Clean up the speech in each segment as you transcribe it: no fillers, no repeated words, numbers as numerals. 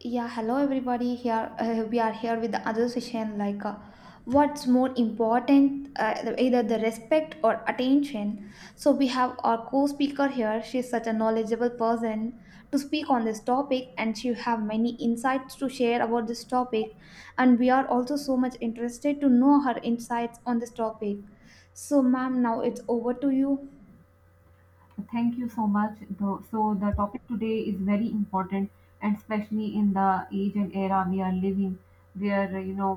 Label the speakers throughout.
Speaker 1: Yeah, hello everybody. Here we are here with the other session. What's more important, either the respect or attention? So we have our co-speaker here. She's such a knowledgeable person to speak on this topic, and she have many insights to share about this topic. And we are also so much interested to know her insights on this topic. So, ma'am, now it's over to you.
Speaker 2: Thank you so much. So, the topic today is very important, and especially in the age and era we are living, where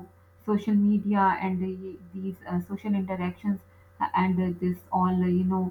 Speaker 2: social media and these social interactions and this all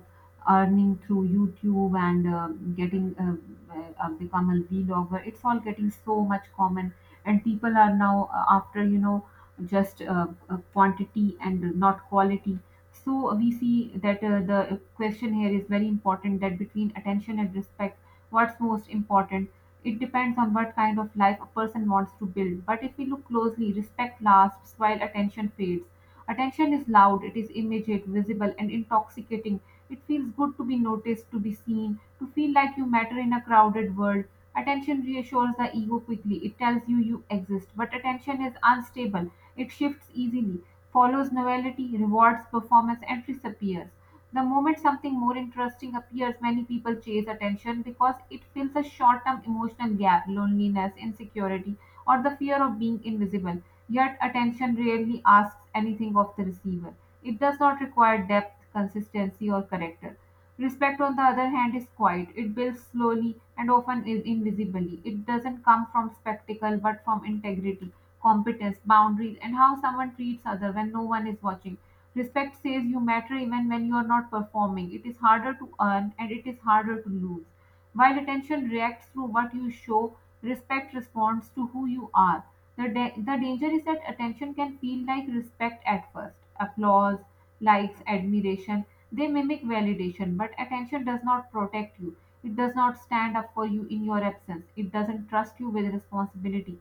Speaker 2: earning through YouTube and getting become a vlogger. It's all getting so much common, and people are now after you know just quantity and not quality, so we see that the question here is very important, that between attention and respect, what's most important? It depends on what kind of life a person wants to build. But if we look closely, respect lasts while attention fades. Attention is loud, it is immediate, visible, and intoxicating. It feels good to be noticed, to be seen, to feel like you matter in a crowded world. Attention reassures the ego quickly. It tells you you exist. But attention is unstable, it shifts easily, follows novelty, rewards performance, and disappears. The moment something more interesting appears, many people chase attention because it fills a short term emotional gap, loneliness, insecurity, or the fear of being invisible. Yet, attention rarely asks anything of the receiver. It does not require depth, consistency, or character. Respect, on the other hand, is quiet. It builds slowly and often is invisibly. It doesn't come from spectacle but from integrity, competence, boundaries, and how someone treats other when no one is watching. Respect says you matter even when you are not performing. It is harder to earn and it is harder to lose. While attention reacts through what you show, respect responds to who you are. The danger is that attention can feel like respect at first. Applause, likes, admiration, they mimic validation, but attention does not protect you. It does not stand up for you in your absence. It doesn't trust you with responsibility.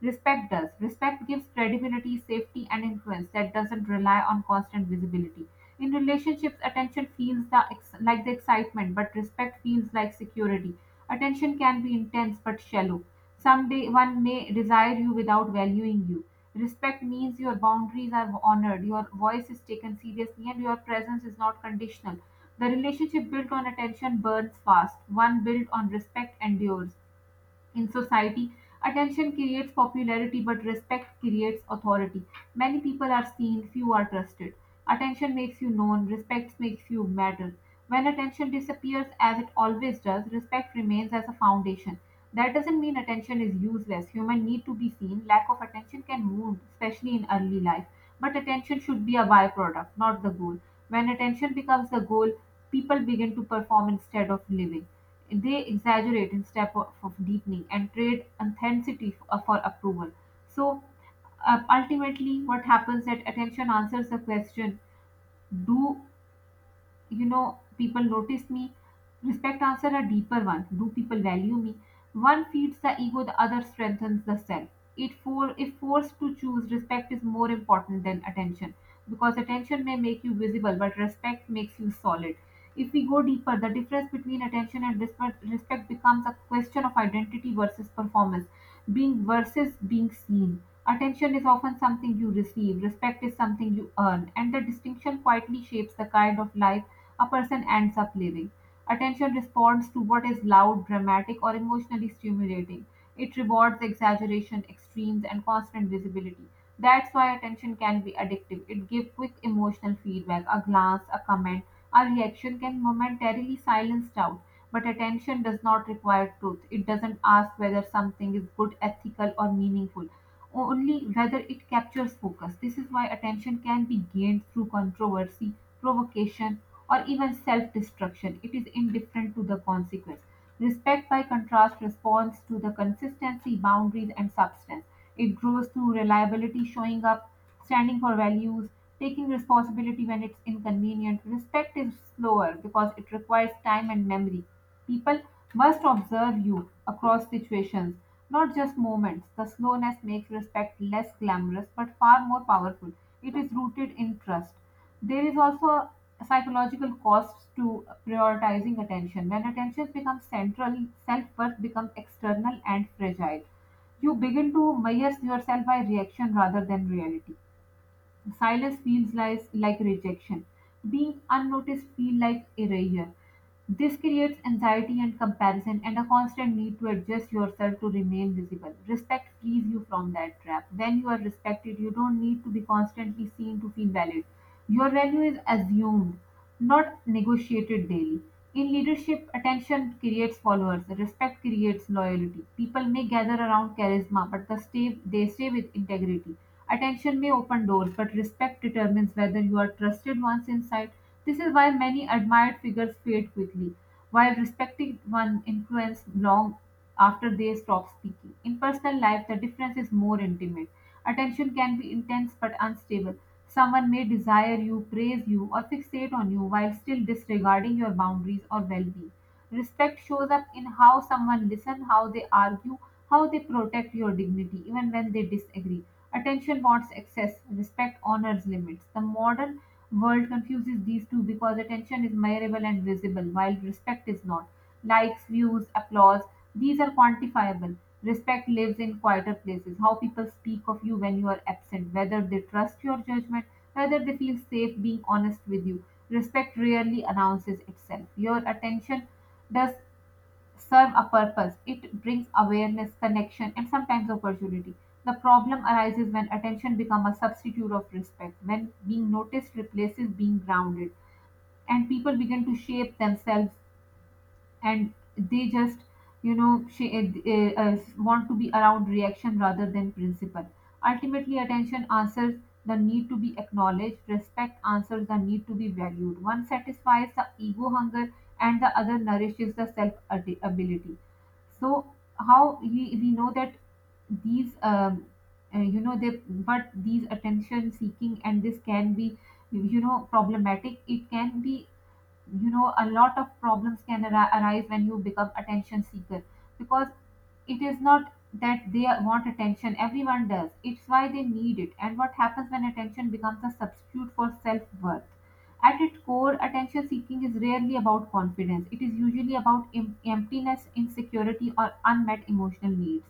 Speaker 2: Respect does. Respect gives credibility, safety, and influence that doesn't rely on constant visibility. In relationships, attention feels the ex- like the excitement, but respect feels like security. Attention can be intense but shallow. Someday one may desire you without valuing you. Respect means your boundaries are honored, your voice is taken seriously, and your presence is not conditional. The relationship built on attention burns fast, one built on respect endures. In society, attention creates popularity, but respect creates authority. Many people are seen, few are trusted. Attention makes you known, respect makes you matter. When attention disappears, as it always does, respect remains as a foundation. That doesn't mean attention is useless. Humans need to be seen. Lack of attention can wound, especially in early life. But attention should be a byproduct, not the goal. When attention becomes the goal, people begin to perform instead of living, they exaggerate instead of deepening, and trade authenticity for approval. So, ultimately, what happens, that attention answers the question: do people notice me? Respect answer a deeper one: do people value me? One feeds the ego, the other strengthens the self. It for if forced to choose, respect is more important than attention, because attention may make you visible, but respect makes you solid. If we go deeper, the difference between attention and respect, respect becomes a question of identity versus performance, being versus being seen. Attention is often something you receive, respect is something you earn, and the distinction quietly shapes the kind of life a person ends up living. Attention responds to what is loud, dramatic, or emotionally stimulating. It rewards exaggeration, extremes, and constant visibility. That's why attention can be addictive. It gives quick emotional feedback. A glance, a comment, a reaction can momentarily silence doubt. But attention does not require truth. It doesn't ask whether something is good, ethical, or meaningful, only whether it captures focus. This is why attention can be gained through controversy, provocation, or even self destruction. It is indifferent to the consequence. Respect, by contrast, responds to the consistency, boundaries, and substance. It grows through reliability, showing up, standing for values, taking responsibility when it's inconvenient. Respect is slower because it requires time and memory. People must observe you across situations, not just moments. The slowness makes respect less glamorous but far more powerful. It is rooted in trust. There is also psychological costs to prioritizing attention. When attention becomes central, self worth becomes external and fragile. You begin to measure yourself by reaction rather than reality. Silence feels like rejection. Being unnoticed feels like erasure. This creates anxiety and comparison and a constant need to adjust yourself to remain visible. Respect frees you from that trap. When you are respected, you don't need to be constantly seen to feel valid. Your value is assumed, not negotiated daily. In leadership, attention creates followers, respect creates loyalty. People may gather around charisma, but they stay with integrity. Attention may open doors, but respect determines whether you are trusted once inside. This is why many admired figures fade quickly, while respected one influence long after they stop speaking. In personal life, the difference is more intimate. Attention can be intense but unstable. Someone may desire you, praise you, or fixate on you while still disregarding your boundaries or well being. Respect shows up in how someone listens, how they argue, how they protect your dignity even when they disagree. Attention wants excess, respect honors limits. The modern world confuses these two because attention is measurable and visible, while respect is not. Likes, views, applause, these are quantifiable. Respect lives in quieter places: how people speak of you when you are absent, whether they trust your judgment, whether they feel safe being honest with you. Respect rarely announces itself. Your attention does serve a purpose. It brings awareness, connection, and sometimes opportunity. The problem arises when attention becomes a substitute of respect, when being noticed replaces being grounded, and people begin to shape themselves, and they just she want to be around reaction rather than principle. Ultimately, attention answers the need to be acknowledged, respect answers the need to be valued. One satisfies the ego hunger, and the other nourishes the ability. So, how we know that these you know they but these attention seeking, and this can be, problematic, it can be, a lot of problems can arise when you become attention seeker, because it is not that they want attention, everyone does, it's why they need it, and what happens when attention becomes a substitute for self-worth. At its core, attention seeking is rarely about confidence, it is usually about emptiness, insecurity, or unmet emotional needs.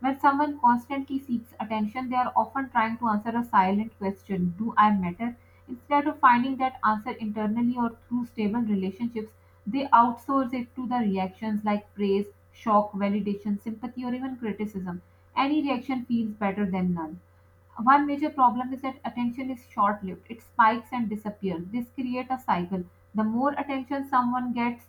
Speaker 2: When someone constantly seeks attention, they are often trying to answer a silent question: do I matter? Instead of finding that answer internally or through stable relationships, they outsource it to the reactions, like praise, shock, validation, sympathy, or even criticism. Any reaction feels better than none. One major problem is that attention is short-lived. It spikes and disappears. This creates a cycle. The more attention someone gets,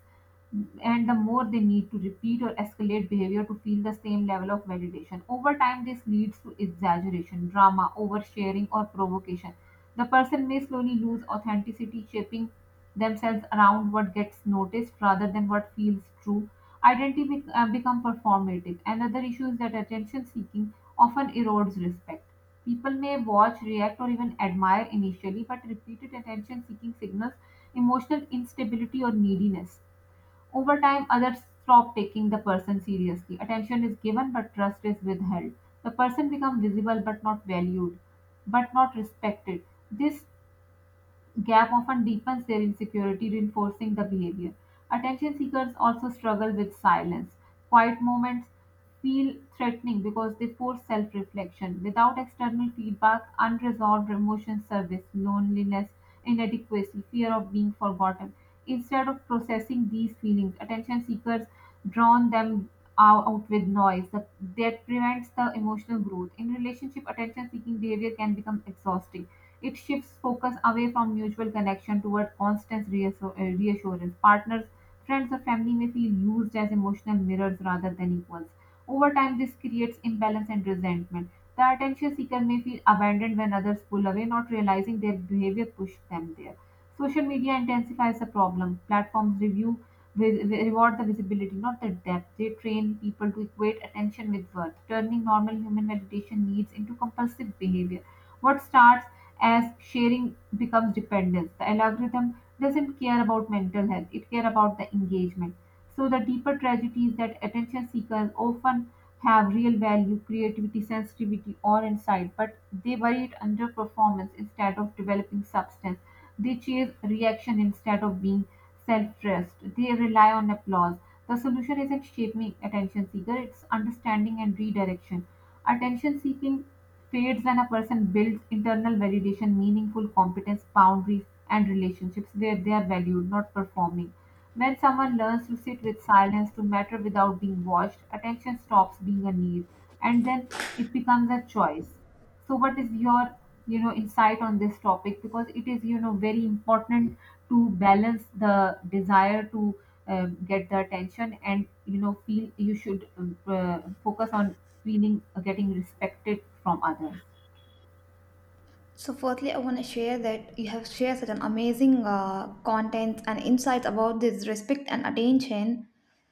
Speaker 2: and the more they need to repeat or escalate behavior to feel the same level of validation. Over time, this leads to exaggeration, drama, oversharing, or provocation. The person may slowly lose authenticity, shaping themselves around what gets noticed rather than what feels true. Identity become performative. Another issue is that attention seeking often erodes respect. People may watch, react, or even admire initially, but repeated attention seeking signals emotional instability or neediness. Over time, others stop taking the person seriously. Attention is given, but trust is withheld. The person becomes visible but not valued, but not respected. This gap often deepens their insecurity, reinforcing the behavior. Attention seekers also struggle with silence. Quiet moments feel threatening because they force self reflection. Without external feedback, unresolved emotions surface: loneliness, inadequacy, fear of being forgotten. Instead of processing these feelings, attention seekers drown them out with noise that prevents the emotional growth. In relationship, attention seeking behavior can become exhausting, it shifts focus away from mutual connection toward constant reassurance. Partners, friends, or family may feel used as emotional mirrors rather than equals. Over time, this creates imbalance and resentment. The attention seeker may feel abandoned when others pull away, not realizing their behavior pushed them there. Social media intensifies the problem. Platforms reward the visibility, not the depth. They train people to equate attention with worth, turning normal human validation needs into compulsive behavior. What starts as sharing becomes dependence. The algorithm doesn't care about mental health, it cares about the engagement. So the deeper tragedy is that attention seekers often have real value, creativity, sensitivity, or insight, but they worry it under performance instead of developing substance. They chase reaction instead of being self-trust. They rely on applause. The solution isn't shaping attention seeker, it's understanding and redirection. Attention seeking periods when a person builds internal validation, meaningful competence, boundaries, and relationships where they are valued, not performing. When someone learns to sit with silence, to matter without being watched, attention stops being a need, and then it becomes a choice. So, what is your insight on this topic? Because it is very important to balance the desire to get the attention and feel you should focus on feeling getting respected from others.
Speaker 1: So, firstly, I want to share that you have shared such an amazing content and insights about this respect and attention.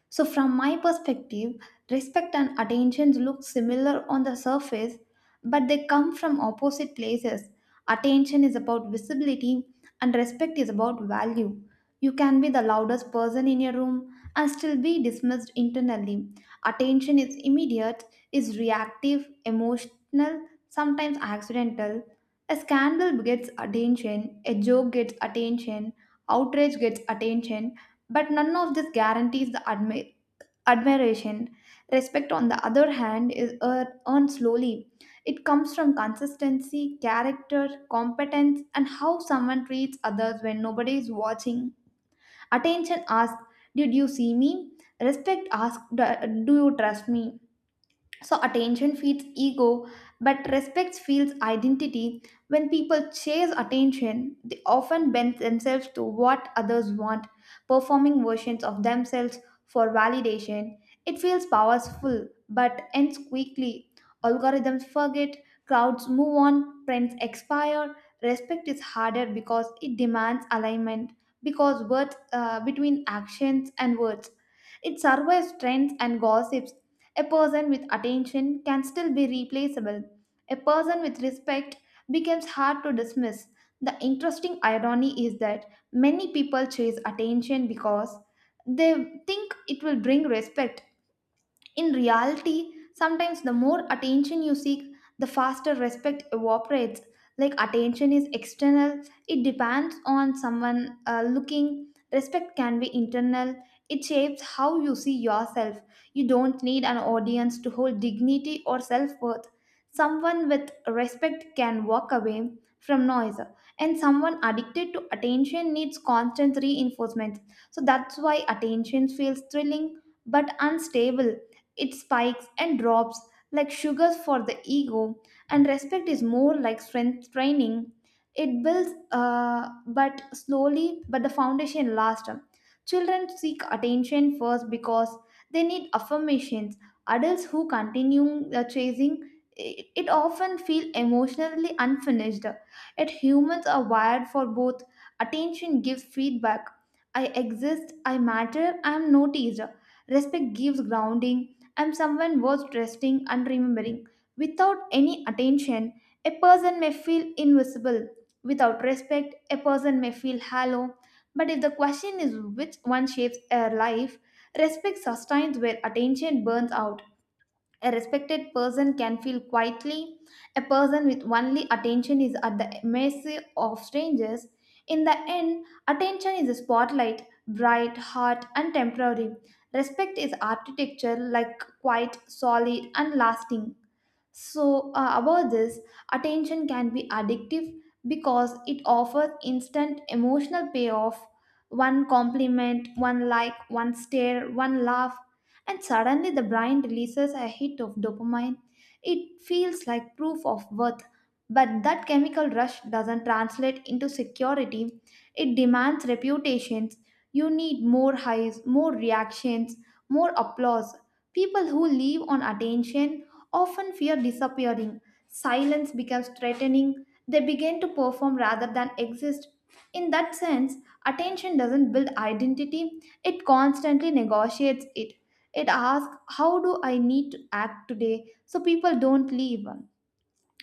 Speaker 1: So, from my perspective, respect and attention look similar on the surface, but they come from opposite places. Attention is about visibility, and respect is about value. You can be the loudest person in your room and still be dismissed internally. Attention is immediate, is reactive, emotional, sometimes accidental. A scandal gets attention, a joke gets attention, outrage gets attention, but none of this guarantees the admiration. Respect, on the other hand, is earned slowly. It comes from consistency, character, competence, and how someone treats others when nobody is watching. Attention asks, did you see me? Respect asks, do you trust me? So attention feeds ego, but respect feeds identity. When people chase attention, they often bend themselves to what others want, performing versions of themselves for validation. It feels powerful, but ends quickly. Algorithms forget, crowds move on, trends expire. Respect is harder because it demands alignment, because words between actions and words. It survives trends and gossips. A person with attention can still be replaceable. A person with respect becomes hard to dismiss. The interesting irony is that many people chase attention because they think it will bring respect. In reality, sometimes the more attention you seek, the faster respect evaporates. Like attention is external, it depends on someone looking. Respect can be internal, it shapes how you see yourself. You don't need an audience to hold dignity or self worth. Someone with respect can walk away from noise, and someone addicted to attention needs constant reinforcement. So that's why attention feels thrilling but unstable. It spikes and drops like sugars for the ego, and respect is more like strength training. It builds, but slowly, but the foundation lasts. Children seek attention first because they need affirmations. Adults who continue chasing it often feel emotionally unfinished. Yet humans are wired for both. Attention gives feedback. I exist, I matter, I am noticed. Respect gives grounding and someone was resting and remembering. Without any attention, a person may feel invisible. Without respect, a person may feel hollow. But if the question is which one shapes our life, respect sustains where attention burns out. A respected person can feel quietly. A person with only attention is at the mercy of strangers. In the end, attention is a spotlight, bright, hot, and temporary. Respect is architecture like quiet, solid, and lasting. So, about this, attention can be addictive because it offers instant emotional payoff. One compliment, one like, one stare, one laugh, and suddenly the brain releases a hit of dopamine. It feels like proof of worth, but that chemical rush doesn't translate into security. It demands reputations. You need more highs, more reactions, more applause. People who live on attention often fear disappearing. Silence becomes threatening. They begin to perform rather than exist. In that sense, attention doesn't build identity, it constantly negotiates it. It asks, how do I need to act today? So people don't leave.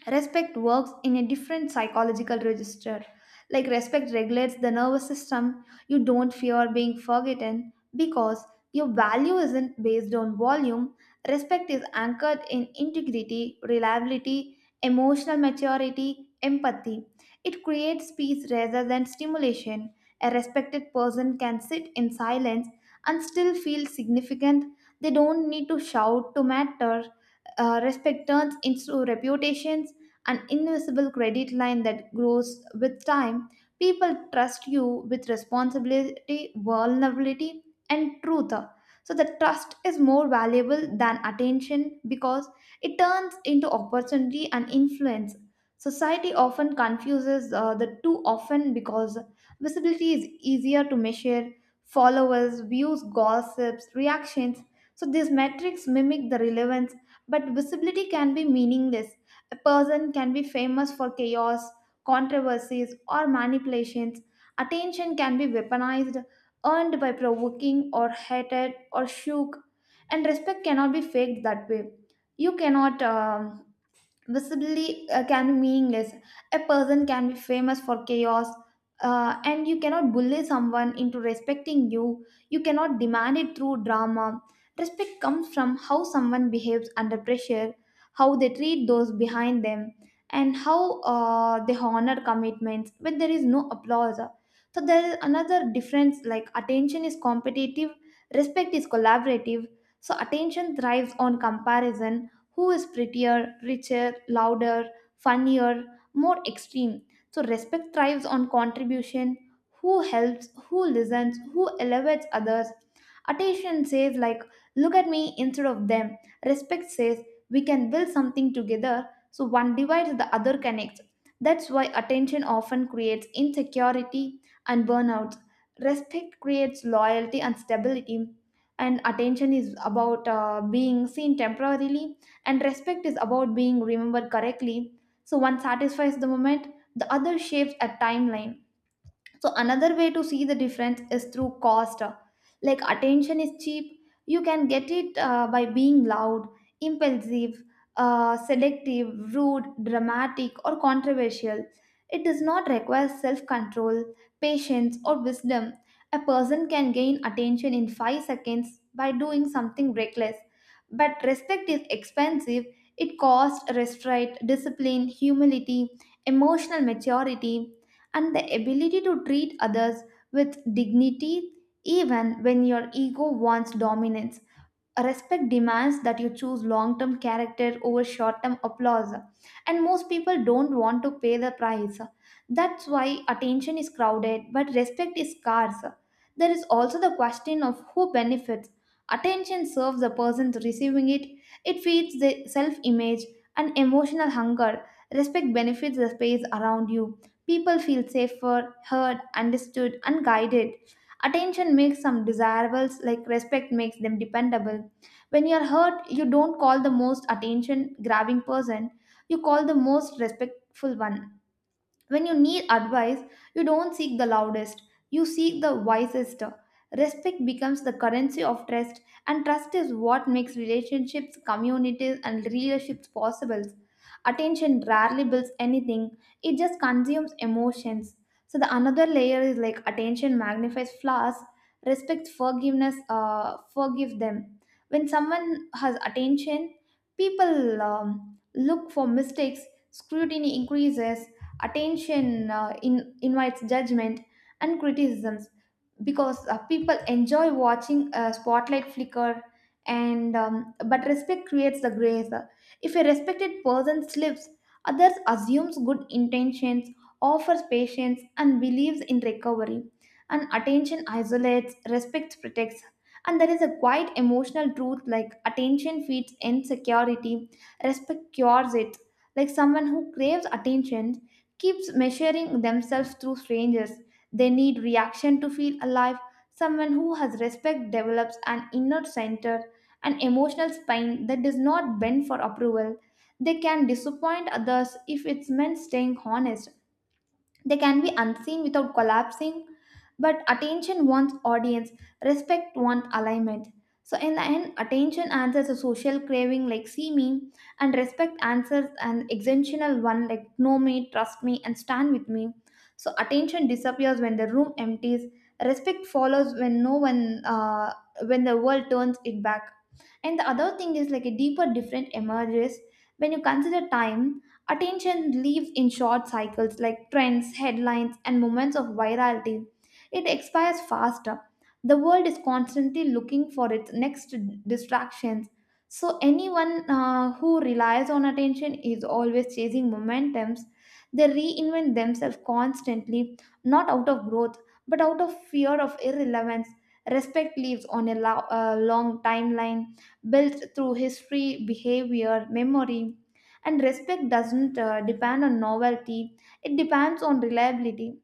Speaker 1: Respect works in a different psychological register. Like respect regulates the nervous system. You don't fear being forgotten because your value isn't based on volume. Respect is anchored in integrity, reliability, emotional maturity, empathy. It creates peace rather than stimulation. A respected person can sit in silence and still feel significant. They don't need to shout to matter. Respect turns into reputations, an invisible credit line that grows with time. People trust you with responsibility, vulnerability, and truth. So the trust is more valuable than attention because it turns into opportunity and influence. Society often confuses the two often because visibility is easier to measure: followers, views, gossips, reactions. So these metrics mimic the relevance, but visibility can be meaningless. A person can be famous for chaos, controversies, or manipulations. Attention can be weaponized, earned by provoking or hated or shook, and respect cannot be faked that way. You cannot visibility can be meaningless. A person can be famous for chaos, and you cannot bully someone into respecting you. You cannot demand it through drama. Respect comes from how someone behaves under pressure, how they treat those behind them, and how they honor commitments when there is no applause. So, there is another difference like attention is competitive, respect is collaborative. So, attention thrives on comparison: who is prettier, richer, louder, funnier, more extreme. So respect thrives on contribution: who helps, who listens, who elevates others. Attention says like look at me instead of them. Respect says we can build something together. So one divides, the other connects. That's why attention often creates insecurity and burnout. Respect creates loyalty and stability, and attention is about being seen temporarily, and respect is about being remembered correctly. So one satisfies the moment, the other shapes a timeline. So another way to see the difference is through cost. Like attention is cheap, you can get it by being loud, impulsive, selective, rude, dramatic, or controversial. It does not require self control, patience, or wisdom. A person can gain attention in 5 seconds by doing something reckless. But respect is expensive. It costs restraint, discipline, humility, emotional maturity, and the ability to treat others with dignity even when your ego wants dominance. Respect demands that you choose long-term character over short-term applause, and most people don't want to pay the price. That's why attention is crowded but respect is scarce. There is also the question of who benefits. Attention serves the person receiving it, it feeds the self-image and emotional hunger. Respect benefits the space around you, people feel safer, heard, understood, and guided. Attention makes some desirables like, respect makes them dependable. When you're hurt, you don't call the most attention grabbing person, you call the most respectful one. When you need advice, you don't seek the loudest, you seek the wisest. Respect becomes the currency of trust, and trust is what makes relationships, communities, and leaderships possible. Attention rarely builds anything, it just consumes emotions. So, the another layer is like attention magnifies flaws, respect, forgiveness, forgive them. When someone has attention, people look for mistakes, scrutiny increases, attention invites judgment and criticisms because people enjoy watching a spotlight flicker and but respect creates the grace. If a respected person slips, others assumes good intentions, offers patience and believes in recovery. And attention isolates, respect protects. And there is a quite emotional truth like attention feeds insecurity, respect cures it. Like someone who craves attention keeps measuring themselves through strangers. They need reaction to feel alive. Someone who has respect develops an inner center, an emotional spine that does not bend for approval. They can disappoint others if it's meant staying honest. They can be unseen without collapsing, but attention wants audience, respect wants alignment. So, in the end, attention answers a social craving like see me, and respect answers an existential one like know me, trust me, and stand with me. So, attention disappears when the room empties. Respect follows when no one, when the world turns it back. And the other thing is like a deeper different emerges when you consider time. Attention lives in short cycles like trends, headlines, and moments of virality. It expires faster. The world is constantly looking for its next distractions. So, anyone who relies on attention is always chasing momentums. They reinvent themselves constantly, not out of growth, but out of fear of irrelevance. Respect lives on a long timeline built through history, behavior, memory. And respect doesn't depend on novelty, it depends on reliability.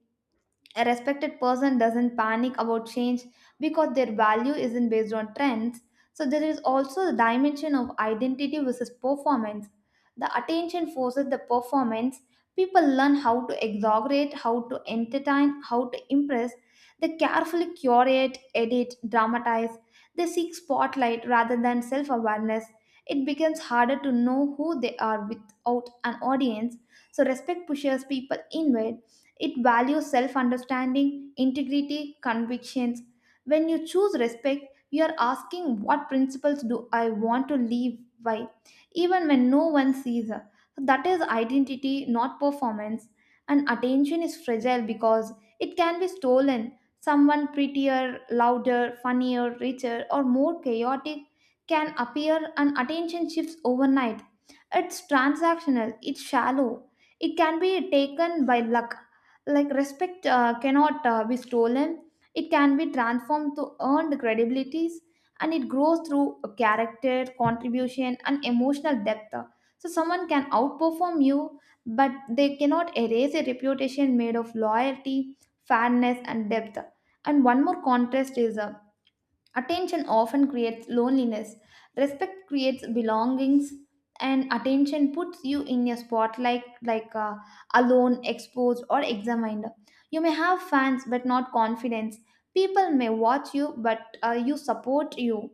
Speaker 1: A respected person doesn't panic about change because their value isn't based on trends. So there is also the dimension of identity versus performance. The attention forces the performance. People learn how to exaggerate, how to entertain, how to impress. They carefully curate, edit, dramatize. They seek spotlight rather than self awareness. It becomes harder to know who they are without an audience. So respect pushes people inward, it values self understanding, integrity, convictions. When you choose respect, you are asking what principles do I want to live by, even when no one sees. Her. So that is identity, not performance. And attention is fragile because it can be stolen. Someone prettier, louder, funnier, richer, or more chaotic can appear and attention shifts overnight. It's transactional, it's shallow, it can be taken by luck like respect cannot be stolen. It can be transformed to earned credibilities, and it grows through a character contribution and emotional depth. So someone can outperform you, but they cannot erase a reputation made of loyalty, fairness and depth. And one more contrast is attention often creates loneliness. Respect creates belongings, and attention puts you in a spotlight like alone, exposed, or examined. You may have fans but not confidence. People may watch you, but you support you,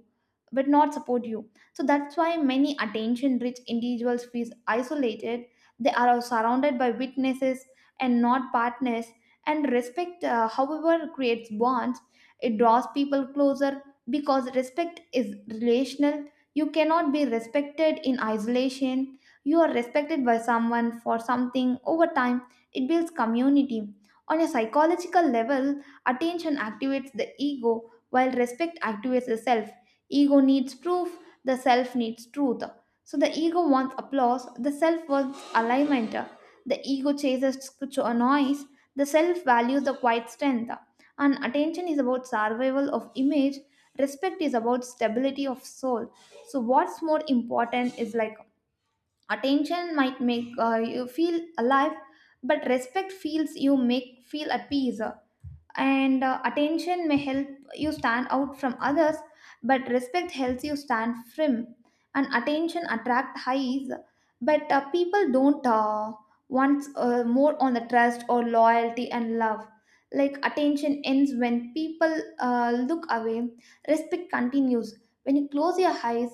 Speaker 1: but not support you. So that's why many attention-rich individuals feel isolated. They are surrounded by witnesses and not partners. And respect, however, creates bonds. It draws people closer because respect is relational. You cannot be respected in isolation. You are respected by someone for something over time. It builds community. On a psychological level, attention activates the ego while respect activates the self. Ego needs proof, the self needs truth. So the ego wants applause, the self wants alignment. The ego chases scripture noise, the self values the quiet strength. And attention is about survival of image, respect is about stability of soul. So what's more important is like, attention might make you feel alive, but respect feels you make feel at peace. And attention may help you stand out from others, but respect helps you stand firm. And attention attract highs, but people don't want more on the trust or loyalty and love. Like attention ends when people look away, respect continues when you close your eyes.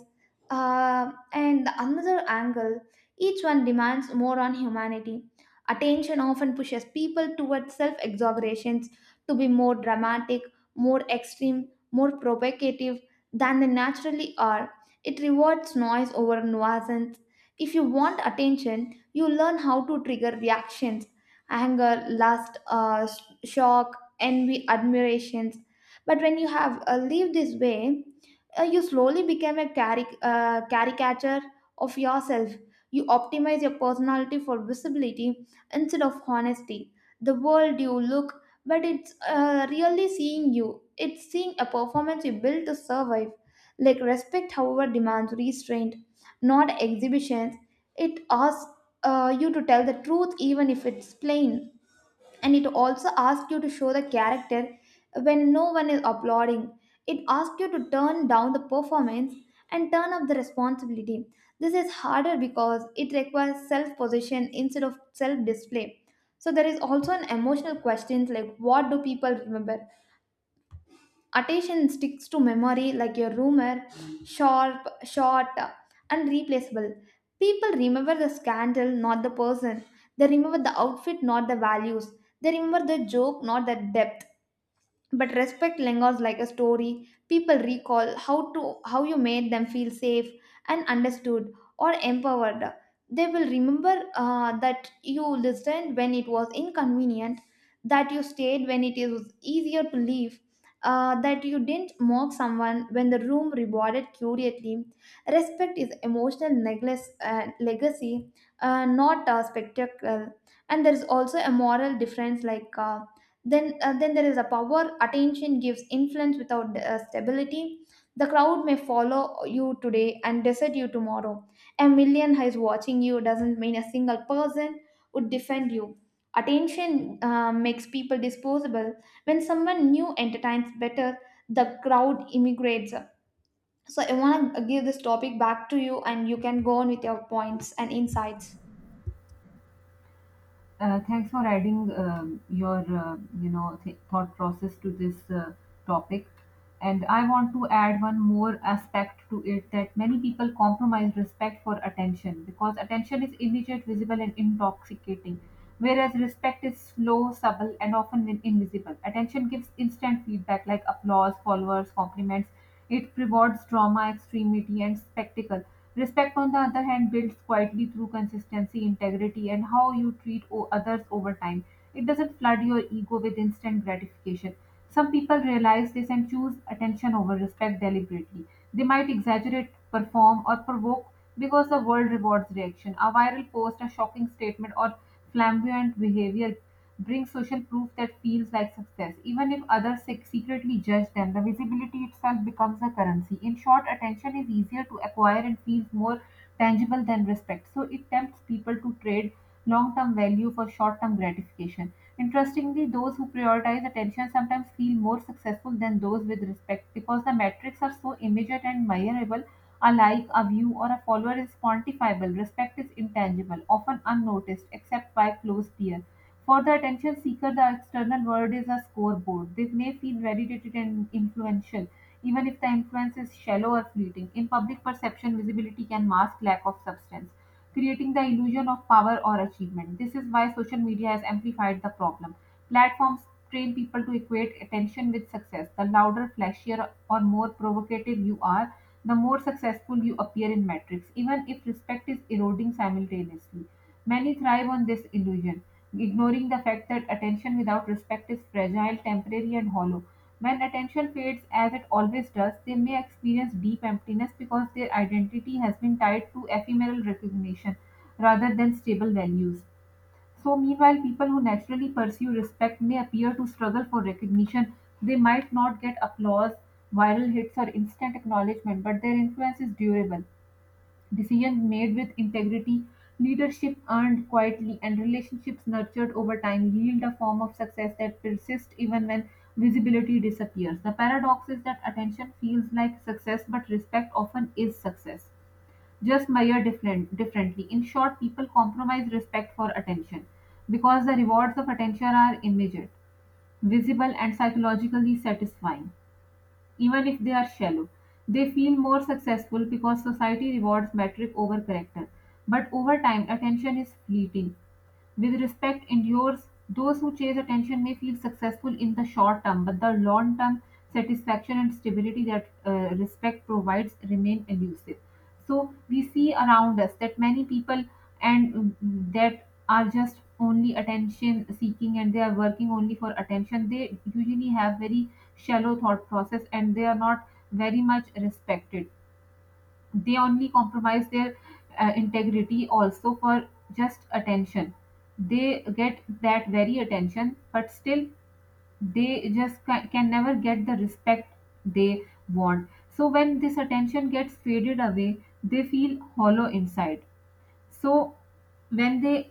Speaker 1: And the another angle, each one demands more on humanity. Attention often pushes people towards self exaggerations, to be more dramatic, more extreme, more provocative than they naturally are. It rewards noise over nuisance. If you want attention, you learn how to trigger reactions, anger, lust, shock, envy, admirations. But when you have lived this way, you slowly become a caricature of yourself. You optimize your personality for visibility instead of honesty. The world you look but it's really seeing you. It's seeing a performance you built to survive. Like respect, however, demands restraint, not exhibitions. It asks you to tell the truth even if it's plain, and it also asks you to show the character when no one is applauding. It asks you to turn down the performance and turn up the responsibility. This is harder because it requires self possession instead of self display. So there is also an emotional question like, what do people remember? Attention sticks to memory like a rumor, sharp, short, and replaceable. People remember the scandal, not the person. They remember the outfit, not the values. They remember the joke, not the depth. But respect lingers like a story. People recall how you made them feel safe and understood or empowered. They will remember that you listened when it was inconvenient, that you stayed when it is easier to leave, that you didn't mock someone when the room rewarded curiously. Respect is emotional necklace, legacy, not a spectacle. And there is also a moral difference like, then there is a power. Attention gives influence without stability. The crowd may follow you today and desert you tomorrow. A million eyes watching you doesn't mean a single person would defend you. Attention makes people disposable. When someone new entertains better, the crowd immigrates. So I want to give this topic back to you and you can go on with your points and insights.
Speaker 2: Thanks for adding your thought process to this topic. And I want to add one more aspect to it: that many people compromise respect for attention because attention is immediate, visible, and intoxicating, whereas respect is slow, subtle, and often invisible. Attention gives instant feedback like applause, followers, compliments. It rewards drama, extremity, and spectacle. Respect, on the other hand, builds quietly through consistency, integrity, and how you treat others over time. It doesn't flood your ego with instant gratification. Some people realize this and choose attention over respect deliberately. They might exaggerate, perform, or provoke because the world rewards reaction. A viral post, a shocking statement, or flamboyant behavior bring social proof that feels like success. Even if others secretly judge them, the visibility itself becomes a currency. In short, attention is easier to acquire and feels more tangible than respect. So it tempts people to trade long term value for short term gratification. Interestingly, those who prioritize attention sometimes feel more successful than those with respect because the metrics are so immediate and measurable. A like, a view, or a follower is quantifiable. Respect is intangible, often unnoticed except by close peers. For the attention seeker, the external world is a scoreboard. They may feel validated and influential, even if the influence is shallow or fleeting. In public perception, visibility can mask lack of substance, creating the illusion of power or achievement. This is why social media has amplified the problem. Platforms train people to equate attention with success. The louder, flashier, or more provocative you are, the more successful you appear in metrics, even if respect is eroding simultaneously. Many thrive on this illusion, ignoring the fact that attention without respect is fragile, temporary, and hollow. When attention fades, as it always does, they may experience deep emptiness because their identity has been tied to ephemeral recognition rather than stable values. So, meanwhile, people who naturally pursue respect may appear to struggle for recognition. They might not get applause, viral hits, or instant acknowledgement, but their influence is durable. Decisions made with integrity, leadership earned quietly, and relationships nurtured over time yield a form of success that persists even when visibility disappears. The paradox is that attention feels like success, but respect often is success, just measured differently. In short, people compromise respect for attention because the rewards of attention are immediate, visible, and psychologically satisfying, even if they are shallow. They feel more successful because society rewards metric over character. But over time, attention is fleeting. With respect endures, those who chase attention may feel successful in the short term, but the long term satisfaction and stability that respect provides remain elusive. So we see around us that many people and mm, that are just only attention seeking, and they are working only for attention. They usually have very shallow thought process, and they are not very much respected. They only compromise their integrity also for just attention. They get that very attention, but still they just can never get the respect they want. So when this attention gets faded away, they feel hollow inside. So when they,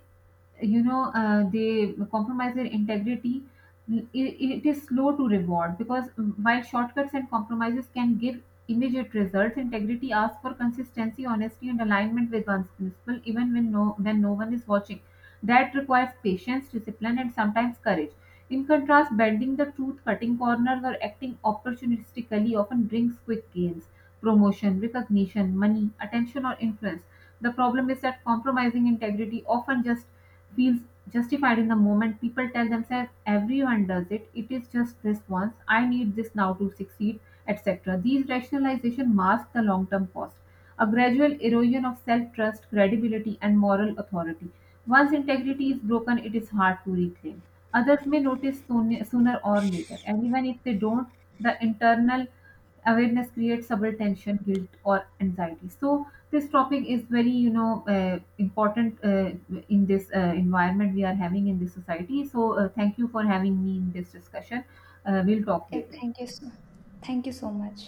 Speaker 2: they compromise their integrity, it is slow to reward because while shortcuts and compromises can give immediate results, integrity asks for consistency, honesty, and alignment with one's principle even when no one is watching. That requires patience, discipline, and sometimes courage. In contrast, bending the truth, cutting corners, or acting opportunistically often brings quick gains: promotion, recognition, money, attention, or influence. The problem is that compromising integrity often just feels justified in the moment. People tell themselves, everyone does it, it is just this once, I need this now to succeed, etc. These rationalizations mask the long term cost: a gradual erosion of self trust, credibility, and moral authority. Once integrity is broken, it is hard to reclaim. Others may notice sooner or later, and even if they don't, the internal awareness creates subtle tension, guilt, or anxiety. So, this topic is very important in this environment we are having in this society, so thank you for having me in this discussion. We'll talk
Speaker 1: Yeah,
Speaker 2: later.
Speaker 1: thank you so, thank you so much.